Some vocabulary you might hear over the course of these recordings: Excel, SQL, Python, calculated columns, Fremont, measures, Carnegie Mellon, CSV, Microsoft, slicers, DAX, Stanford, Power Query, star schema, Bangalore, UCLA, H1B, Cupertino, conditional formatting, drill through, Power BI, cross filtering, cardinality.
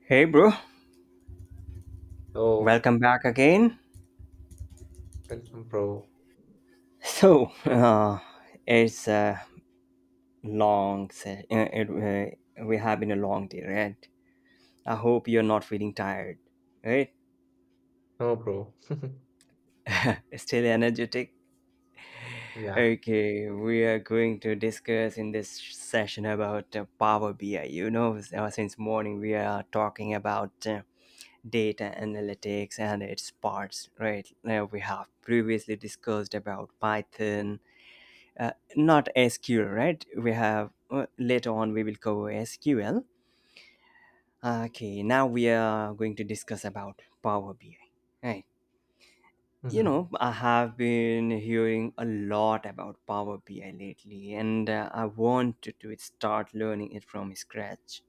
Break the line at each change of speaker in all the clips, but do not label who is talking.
Hey, bro,
Oh,
welcome back again.
welcome, bro.
So, uh, it's a we have been a long day, right? I hope you're not feeling tired, right?
No, bro.
Still energetic.
Yeah.
Okay, we are going to discuss in this session about Power BI. You know, since morning we are talking about data analytics and its parts, right? We have previously discussed about Python not SQL, right? We have Later on we will cover SQL. Okay, now we are going to discuss about Power BI. Right. You
hmm
know, I have been hearing a lot about Power BI lately, and I wanted to start learning it from scratch.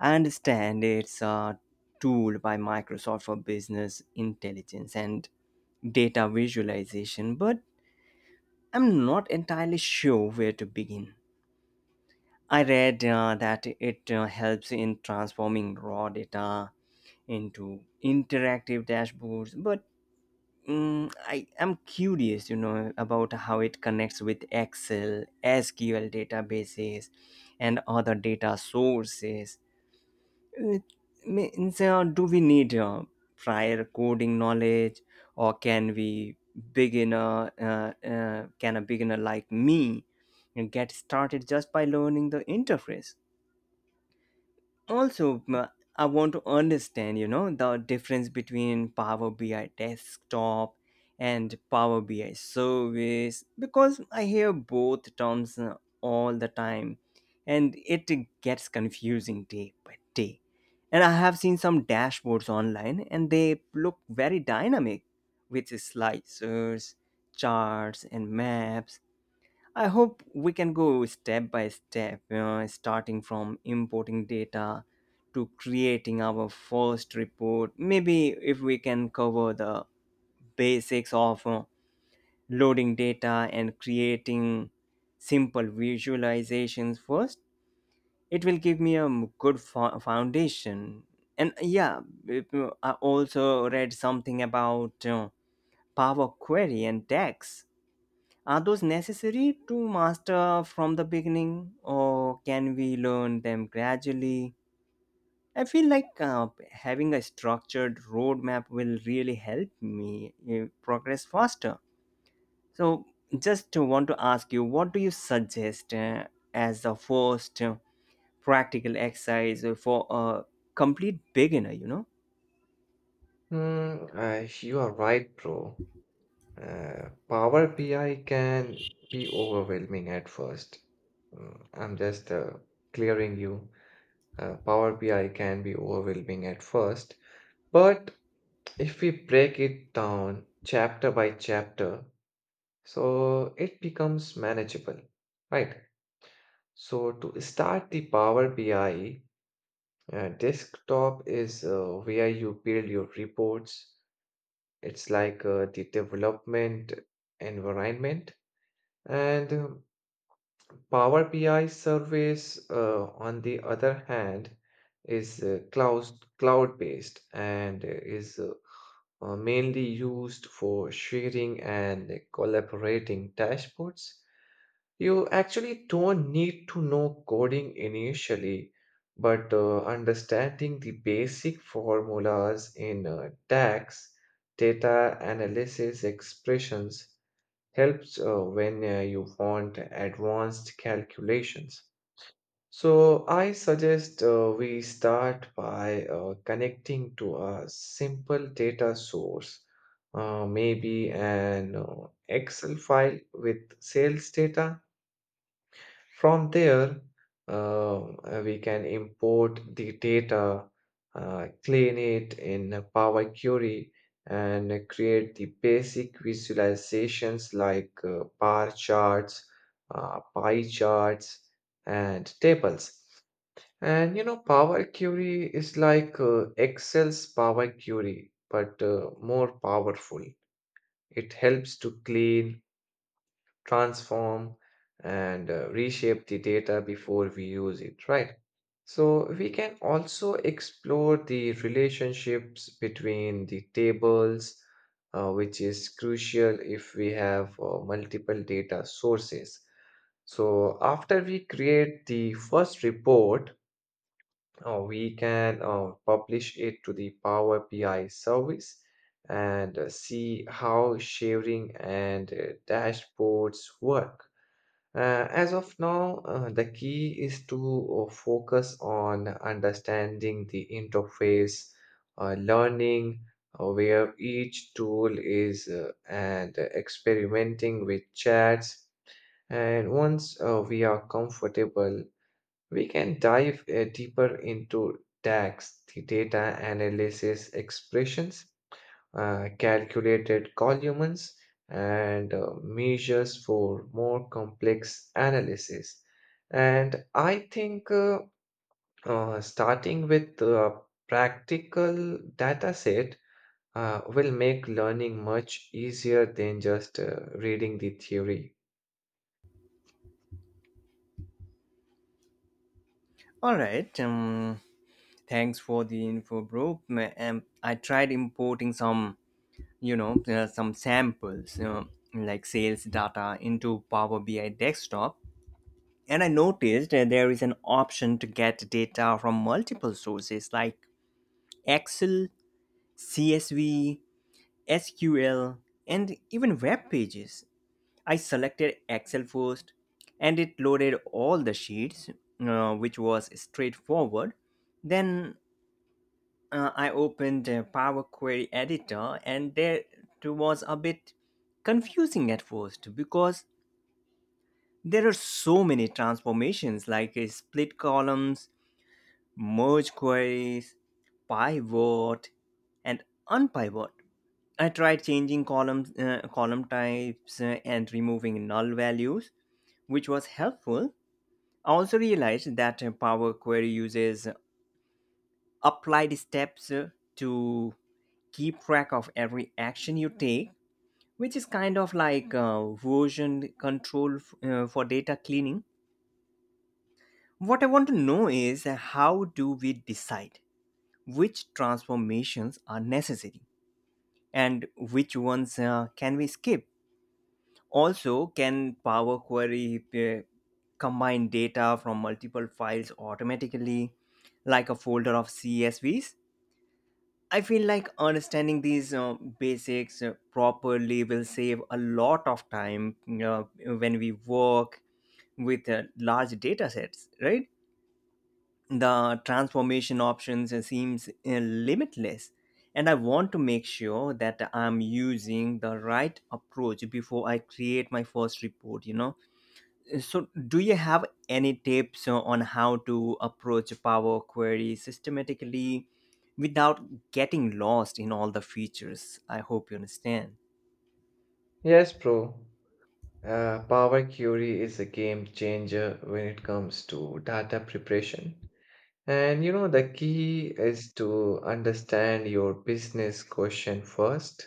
I understand it's a tool by Microsoft for business intelligence and data visualization, but I'm not entirely sure where to begin. I read that it helps in transforming raw data into interactive dashboards, but I am curious, you know, about how it connects with Excel, SQL databases, and other data sources. It means, do we need prior coding knowledge, or can we can a beginner like me get started just by learning the interface? also m- I want to understand, you know, the difference between Power BI desktop and Power BI service because I hear both terms all the time, and it gets confusing day by day. And I have seen some dashboards online, and they look very dynamic with slicers, charts and maps. I hope we can go step by step, you know, starting from importing data to creating our first report. Maybe if we can cover the basics of loading data and creating simple visualizations first, it will give me a good foundation. And yeah, it- I also read something about Power Query and DAX. Are those necessary to master from the beginning, or can we learn them gradually? I feel like having a structured roadmap will really help me progress faster. So, just to want to ask you, what do you suggest as the first practical exercise for a complete beginner? You know.
Mm, you are right, bro. Power BI can be overwhelming at first. I'm just clearing you. Power BI can be overwhelming at first, but if we break it down chapter by chapter, so it becomes manageable, right? So to start the Power BI, desktop is where you build your reports. It's like the development environment. And Power BI service, on the other hand, is cloud based and is mainly used for sharing and collaborating dashboards. You actually don't need to know coding initially, but understanding the basic formulas in DAX, data analysis expressions, helps when you want advanced calculations. So I suggest we start by connecting to a simple data source, maybe an Excel file with sales data from there, we can import the data, clean it in a Power Query, and create the basic visualizations like bar charts, pie charts, and tables. And you know, Power Query is like Excel's Power Query, but more powerful. It helps to clean transform, and reshape the data before we use it, right? So we can also explore the relationships between the tables, which is crucial if we have multiple data sources. So after we create the first report, we can publish it to the Power BI service and see how sharing and dashboards work. As of now, the key is to focus on understanding the interface, learning where each tool is, and experimenting with chats. And once we are comfortable, we can dive deeper into DAX, the data analysis expressions, calculated columns, and measures for more complex analysis. And I think starting with a practical data set will make learning much easier than just reading the theory.
All right. Thanks for the info, bro. I tried importing some, you know, some samples, you know, like sales data into Power BI desktop, and I noticed that there is an option to get data from multiple sources like Excel, CSV, SQL, and even web pages. I selected Excel first, and it loaded all the sheets, which was straightforward. Then I opened a Power Query Editor, and there it was a bit confusing at first because there are so many transformations like split columns, merge queries, pivot, and unpivot. I tried changing column types, and removing null values, which was helpful. I also realized that Power Query uses applied steps to keep track of every action you take, which is kind of like version control for data cleaning. What I want to know is, how do we decide which transformations are necessary and which ones can we skip? Also, can Power Query combine data from multiple files automatically, like a folder of CSVs? I feel like understanding these basics properly will save a lot of time when we work with large data sets, right? The transformation options seems limitless. And I want to make sure that I'm using the right approach before I create my first report, you know? So, do you have any tips on how to approach a Power Query systematically without getting lost in all the features? I hope you understand.
Yes, bro. Power Query is a game changer when it comes to data preparation. And you know, the key is to understand your business question first.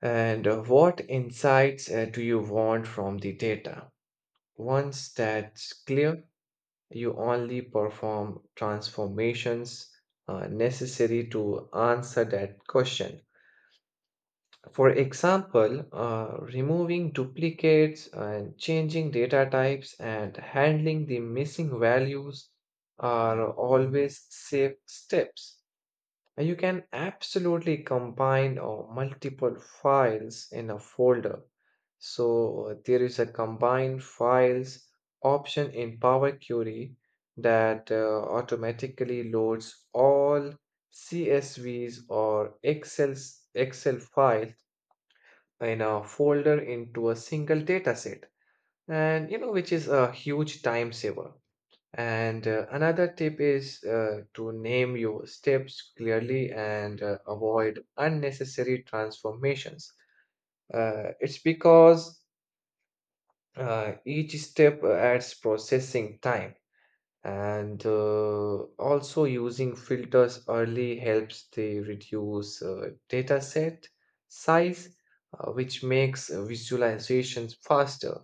And what insights do you want from the data? Once that's clear, you only perform transformations necessary to answer that question. For example, removing duplicates and changing data types and handling the missing values are always safe steps. You can absolutely combine multiple files in a folder. So there is a combine files option in Power Query that automatically loads all CSVs or Excel files in a folder into a single dataset. And you know, which is a huge time saver. And another tip is to name your steps clearly and avoid unnecessary transformations. It's because each step adds processing time, and also using filters early helps to reduce data set size, which makes visualizations faster.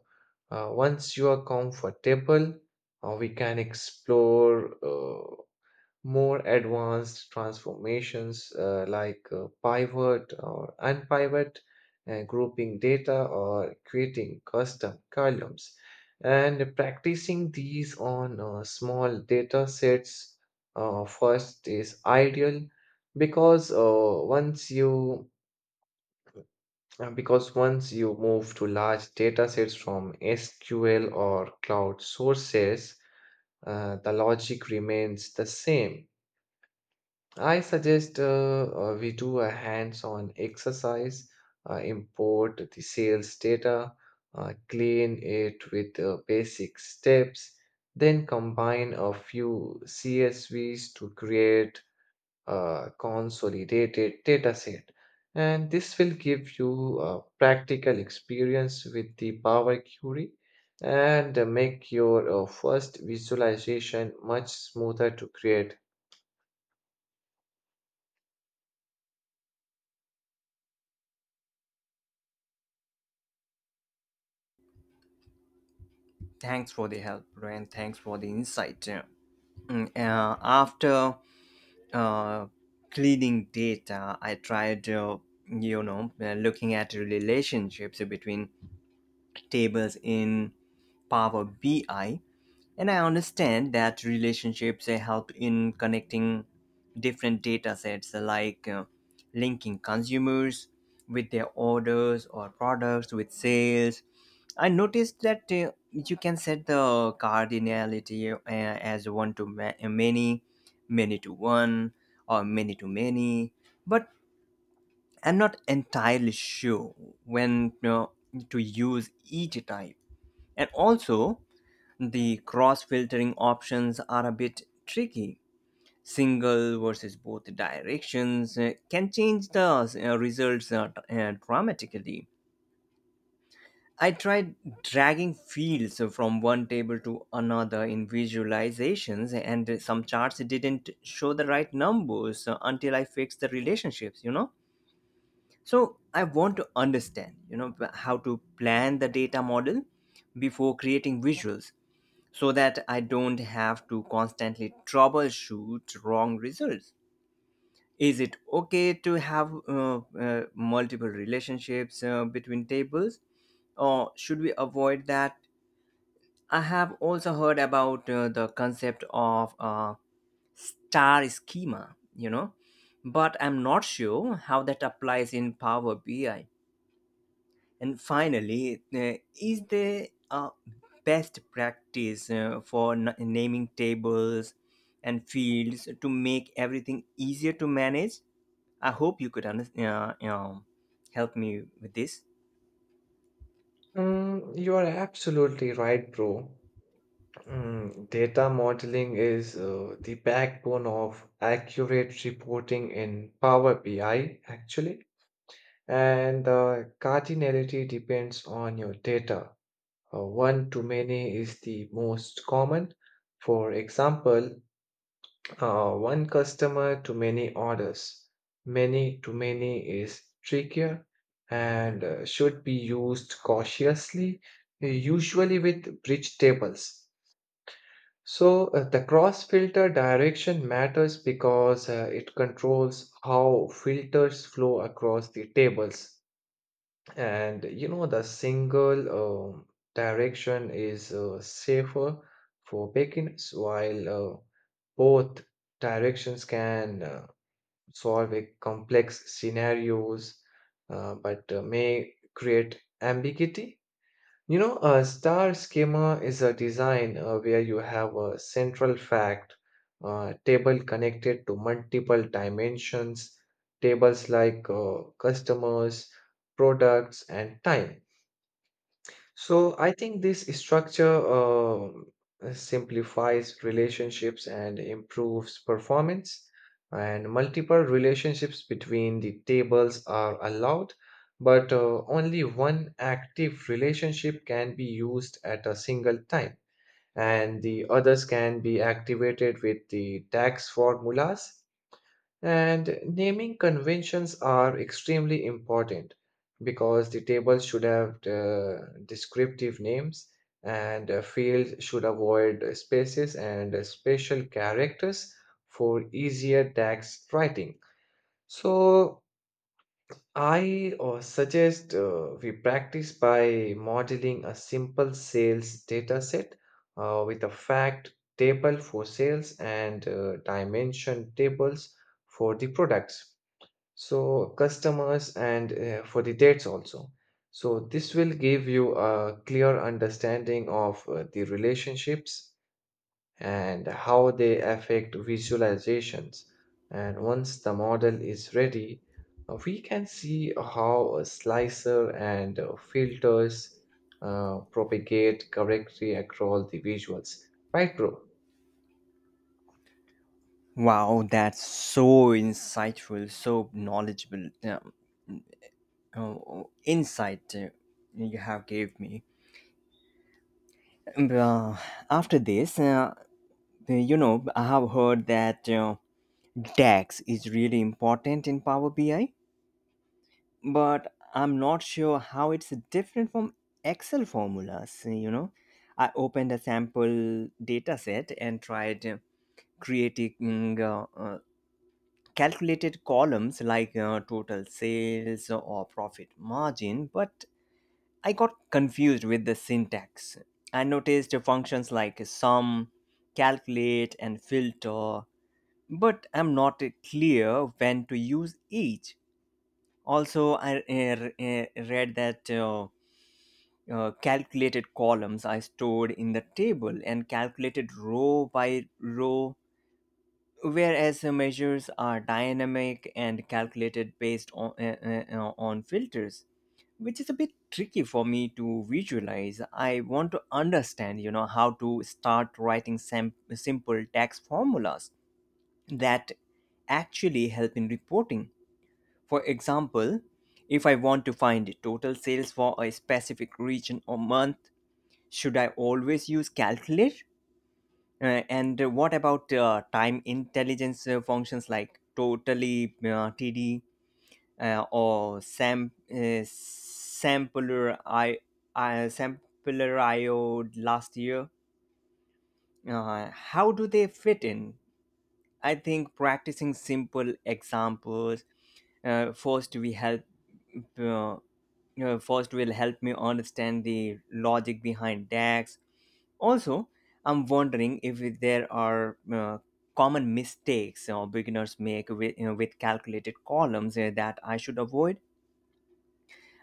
Once you are comfortable, we can explore. More advanced transformations like pivot or unpivot, grouping data or creating custom columns. And practicing these on small data sets first is ideal because uh, once you because once you move to large data sets from SQL or cloud sources, the logic remains the same. I suggest we do a hands-on exercise, import the sales data, clean it with basic steps, then combine a few CSVs to create a consolidated dataset. And this will give you a practical experience with the Power Query and make your first visualization much smoother to create.
Thanks for the help, bro, and thanks for the insight. After uh, cleaning data, I tried, you know, looking at relationships between tables in Power BI. And I understand that relationships help in connecting different data sets, like linking consumers with their orders or products with sales. I noticed that you can set the cardinality as one to many, many to one, or many to many. But I'm not entirely sure when to use each type. And also, the cross filtering options are a bit tricky. Single versus both directions can change the results dramatically. I tried dragging fields from one table to another in visualizations, and some charts didn't show the right numbers until I fixed the relationships, you know? So I want to understand, you know, how to plan the data model before creating visuals so that I don't have to constantly troubleshoot wrong results? Is it okay to have multiple relationships between tables, or should we avoid that? I have also heard about the concept of star schema, you know, but I'm not sure how that applies in Power BI. And finally, is there a best practice for naming tables and fields to make everything easier to manage? I hope you could help me with this.
You are absolutely right, bro. Data modeling is the backbone of accurate reporting in Power BI, actually. And the cardinality depends on your data. One to many is the most common. For example, one customer to many orders, many to many is trickier and should be used cautiously, usually with bridge tables. So, the cross filter direction matters because it controls how filters flow across the tables. And you know, the single um direction is safer for beginners, while both directions can. Solve a complex scenarios but may create ambiguity. You know, a star schema is a design where you have a central fact table connected to multiple dimensions tables like customers, products and time. So I think this structure simplifies relationships and improves performance, and multiple relationships between the tables are allowed, but only one active relationship can be used at a single time, and the others can be activated with the tax formulas. And naming conventions are extremely important because the tables should have descriptive names and fields should avoid spaces and special characters for easier text writing. So I suggest we practice by modeling a simple sales data set with a fact table for sales and dimension tables for the products, so customers and for the dates also. So this will give you a clear understanding of the relationships and how they affect visualizations. And once the model is ready, we can see how a slicer and filters propagate correctly across the visuals, right, bro?
Wow, that's so insightful, so knowledgeable, oh, insight you have gave me. Um, uh, After this, you know, I have heard that DAX is really important in Power BI, but I'm not sure how it's different from Excel formulas. You know, I opened a sample data set and tried creating calculated columns like total sales or profit margin, but I got confused with the syntax. I noticed functions like sum, calculate, and filter, but I'm not clear when to use each. Also, I read that calculated columns are stored in the table and calculated row by row, whereas the measures are dynamic and calculated based on filters, which is a bit tricky for me to visualize. I want to understand, you know, how to start writing simple tax formulas that actually help in reporting. For example, if I want to find total sales for a specific region or month, should I always use calculator and what about time intelligence functions like totally td or sam sampler I sampler io last year, how do they fit in? I think practicing simple examples uh, first we help uh, first will help me understand the logic behind DAX. Also, I'm wondering if there are common mistakes beginners make with, you know, with calculated columns that I should avoid.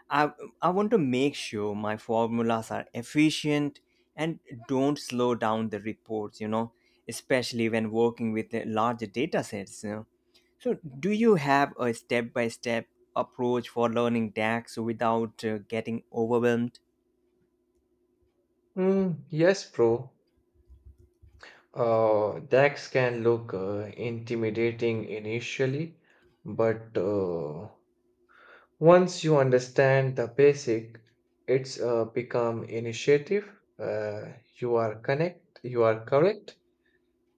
I, I want to make sure my formulas are efficient and don't slow down the reports, you know, especially when working with larger data sets. You know. So, do you have a step by step approach for learning DAX without getting overwhelmed?
Yes, bro. DAX can look intimidating initially, but once you understand the basic, it's become initiative. Uh, you are correct,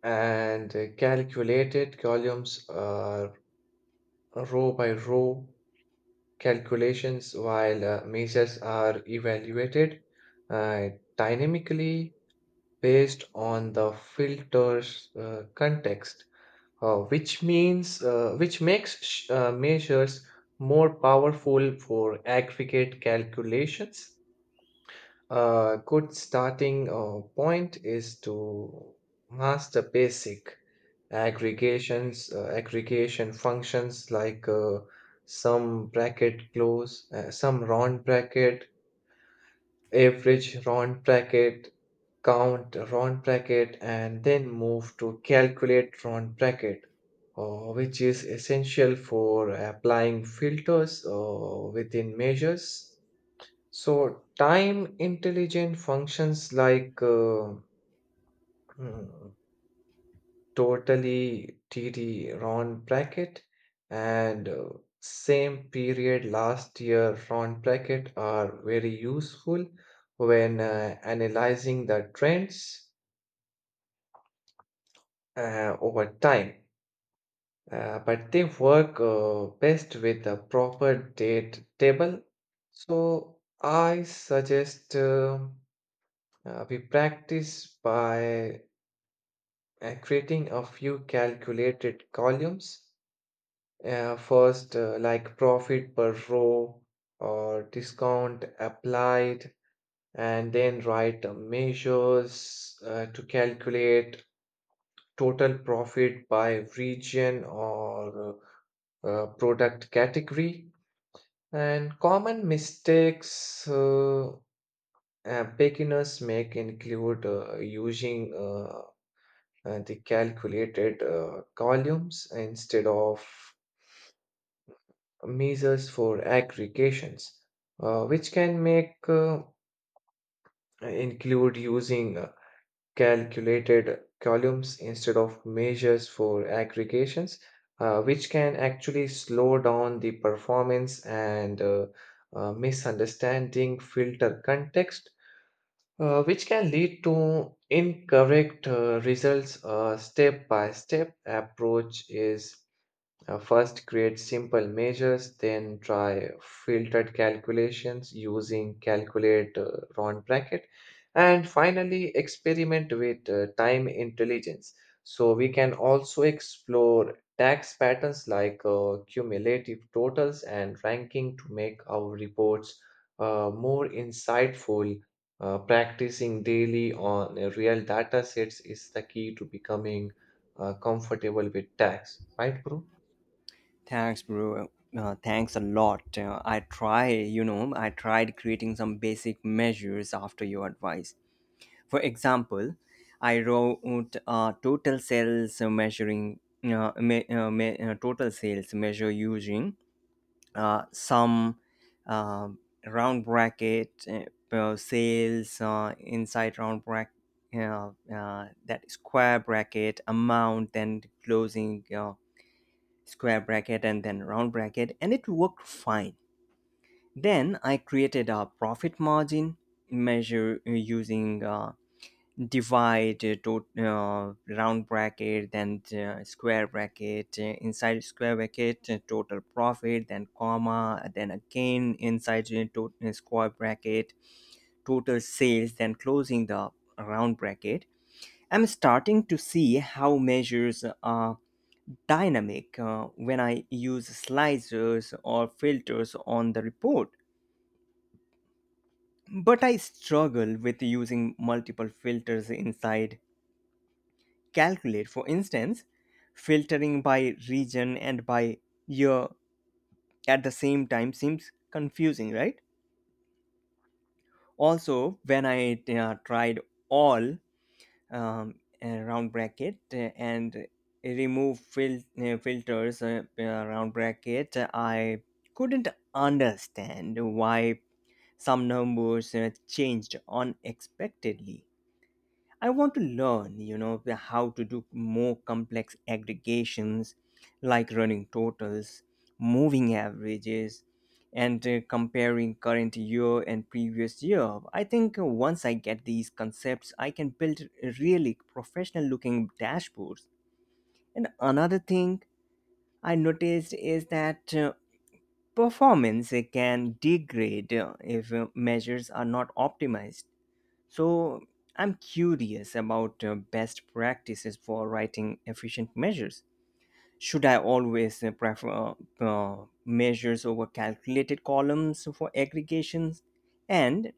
and calculated columns are row by row calculations, while measures are evaluated uh, dynamically based on the filter's context. Which means which makes measures more powerful for aggregate calculations. A good starting point is to master basic aggregations, aggregation functions like sum bracket close, sum round bracket, average round bracket, count round bracket, and then move to calculate round bracket, which is essential for applying filters within measures. So time intelligent functions like mm, totally td round bracket and same period last year round bracket are very useful when analyzing the trends over time. But they work best with a proper date table. So I suggest we practice by creating a few calculated columns. First, like profit per row or discount applied, and then write measures to calculate total profit by region or product category. And common mistakes beginners make include using the calculated columns instead of measures for aggregations, which can make include using calculated columns instead of measures for aggregations, which can actually slow down the performance and misunderstanding filter context, which can lead to incorrect results. A step by step approach is first, create simple measures, then try filtered calculations using calculate round bracket, and finally, experiment with time intelligence. So, we can also explore tax patterns like cumulative totals and ranking to make our reports more insightful. Practicing daily on real data sets is the key to becoming comfortable with tax, right, bro?
Thanks, bro. Thanks a lot. I try, you know, I tried creating some basic measures after your advice. For example, I wrote total sales measuring me, me, total sales measure using some uh, round bracket sales inside round bracket. That square bracket amount, then closing square bracket and then round bracket, and it worked fine. Then I created a profit margin measure using divide to round bracket, then square bracket inside square bracket total profit, then comma, then again inside square bracket total sales, then closing the round bracket. I'm starting to see how measures are dynamic when I use slicers or filters on the report. But I struggle with using multiple filters inside Calculate. For instance, filtering by region and by year at the same time seems confusing, right? Also, when I tried all um, round bracket and remove filters round bracket, I couldn't understand why some numbers changed unexpectedly. I want to learn, you know, how to do more complex aggregations like running totals, moving averages, and comparing current year and previous year. I think once I get these concepts, I can build really professional looking dashboards. And another thing I noticed is that performance can degrade if measures are not optimized, so I'm curious about best practices for writing efficient measures. Should I always prefer measures over calculated columns for aggregations? And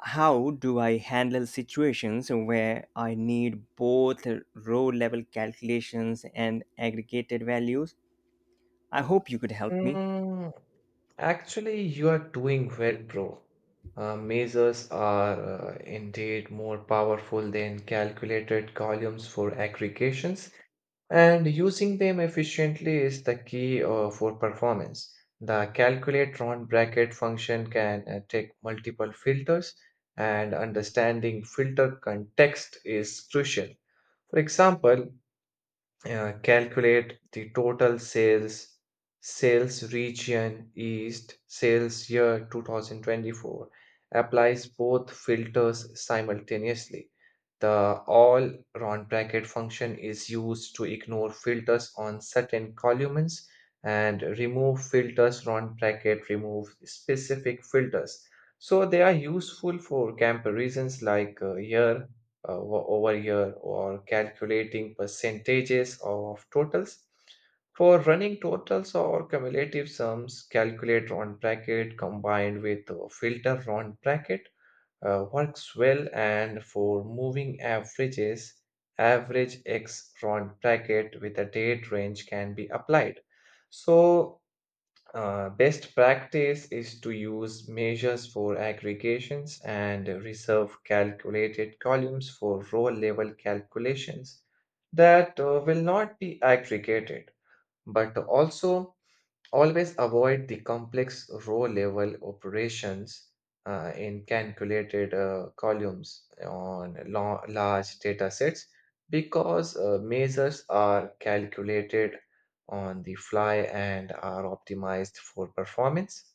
how do I handle situations where I need both row level calculations and aggregated values? I hope you could help me.
Mm, Actually, you are doing well, bro. Measures are indeed more powerful than calculated columns for aggregations, and using them efficiently is the key for performance. The calculate round bracket function can take multiple filters, and understanding filter context is crucial. For example, calculate the total sales, sales region east, sales year 2024, applies both filters simultaneously. The all round bracket function is used to ignore filters on certain columns, and remove filters round bracket remove specific filters. So they are useful for comparisons like year over here, or calculating percentages of totals. For running totals or cumulative sums, calculate round bracket combined with filter round bracket works well, and for moving averages, average x round bracket with a date range can be applied. So best practice is to use measures for aggregations and reserve calculated columns for row level calculations that will not be aggregated, but also always avoid the complex row level operations in calculated columns on large data sets because measures are calculated on the fly and are optimized for performance.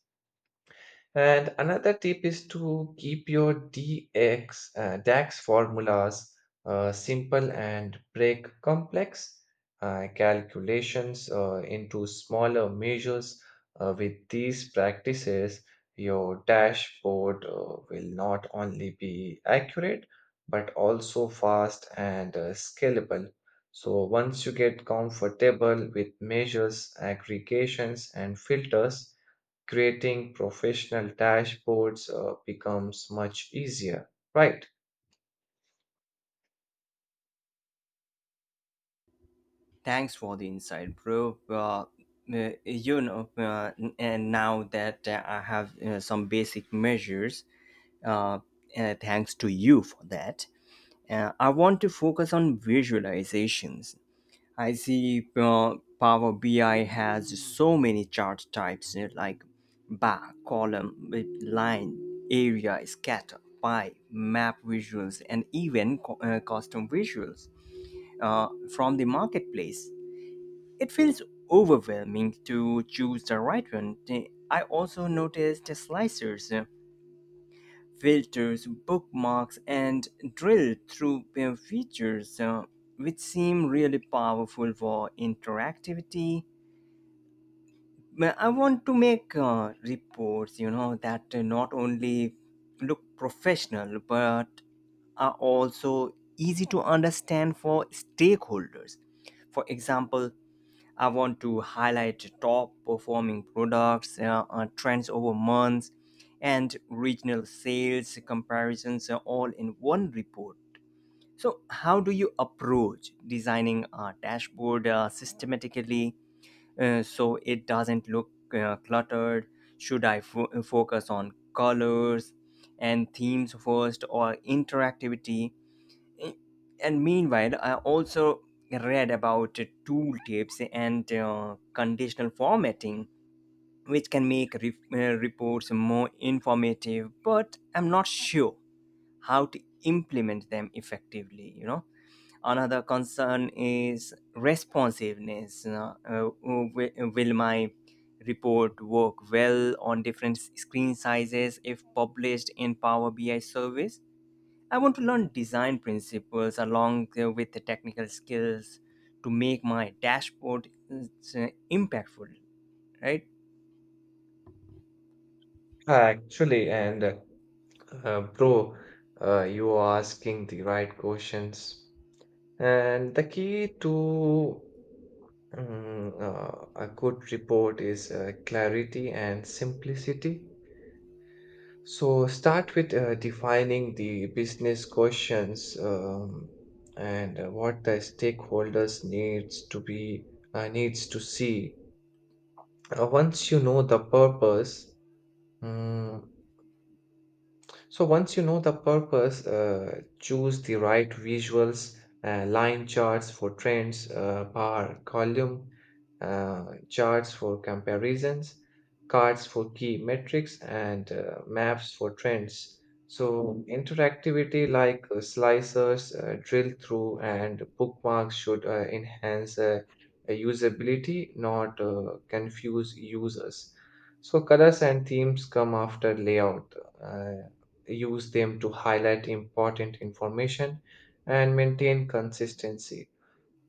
And another tip is to keep your DAX formulas simple and break complex calculations into smaller measures. With these practices, your dashboard will not only be accurate but also fast and scalable. So, once you get comfortable with measures, aggregations, and filters, creating professional dashboards becomes much easier, right?
Thanks for the insight, bro. You know, and now that I have some basic measures, uh, thanks to you for that, I want to focus on visualizations. I see Power BI has so many chart types like bar, column, with line, area, scatter, pie, map visuals, and even custom visuals uh, from the marketplace. It feels overwhelming to choose the right one. I also noticed slicers, filters, bookmarks, and drill through features, which seem really powerful for interactivity. But I want to make reports, you know, that not only look professional but are also easy to understand for stakeholders. For example, I want to highlight top performing products, trends over months, and regional sales comparisons all in one report. So, how do you approach designing a dashboard systematically so it doesn't look cluttered? Should I focus on colors and themes first or interactivity? And meanwhile, I also read about tooltips and conditional formatting, which can make reports more informative, but I'm not sure how to implement them effectively, you know? Another concern is responsiveness. Will my report work well on different screen sizes if published in Power BI service? I want to learn design principles along with the technical skills to make my dashboard impactful, right?
Actually, and Bro, you are asking the right questions. And the key to a good report is clarity and simplicity. So start with defining the business questions and what the stakeholders needs to see. Once you know the purpose, mm, once you know the purpose, choose the right visuals, line charts for trends, bar column charts for comparisons, cards for key metrics, and maps for trends. So interactivity like slicers, drill through, and bookmarks should enhance usability, not confuse users. So colors and themes come after layout. Uh, use them to highlight important information and maintain consistency.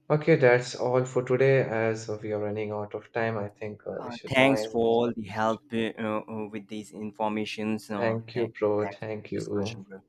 Okay, that's all for today. As we are running out of time, I think we should now
Thanks
end
for
this
all the help
conversation.
with these informations.
Thank you, bro.
Thanks for
Thank
the discussion,
you.
bro.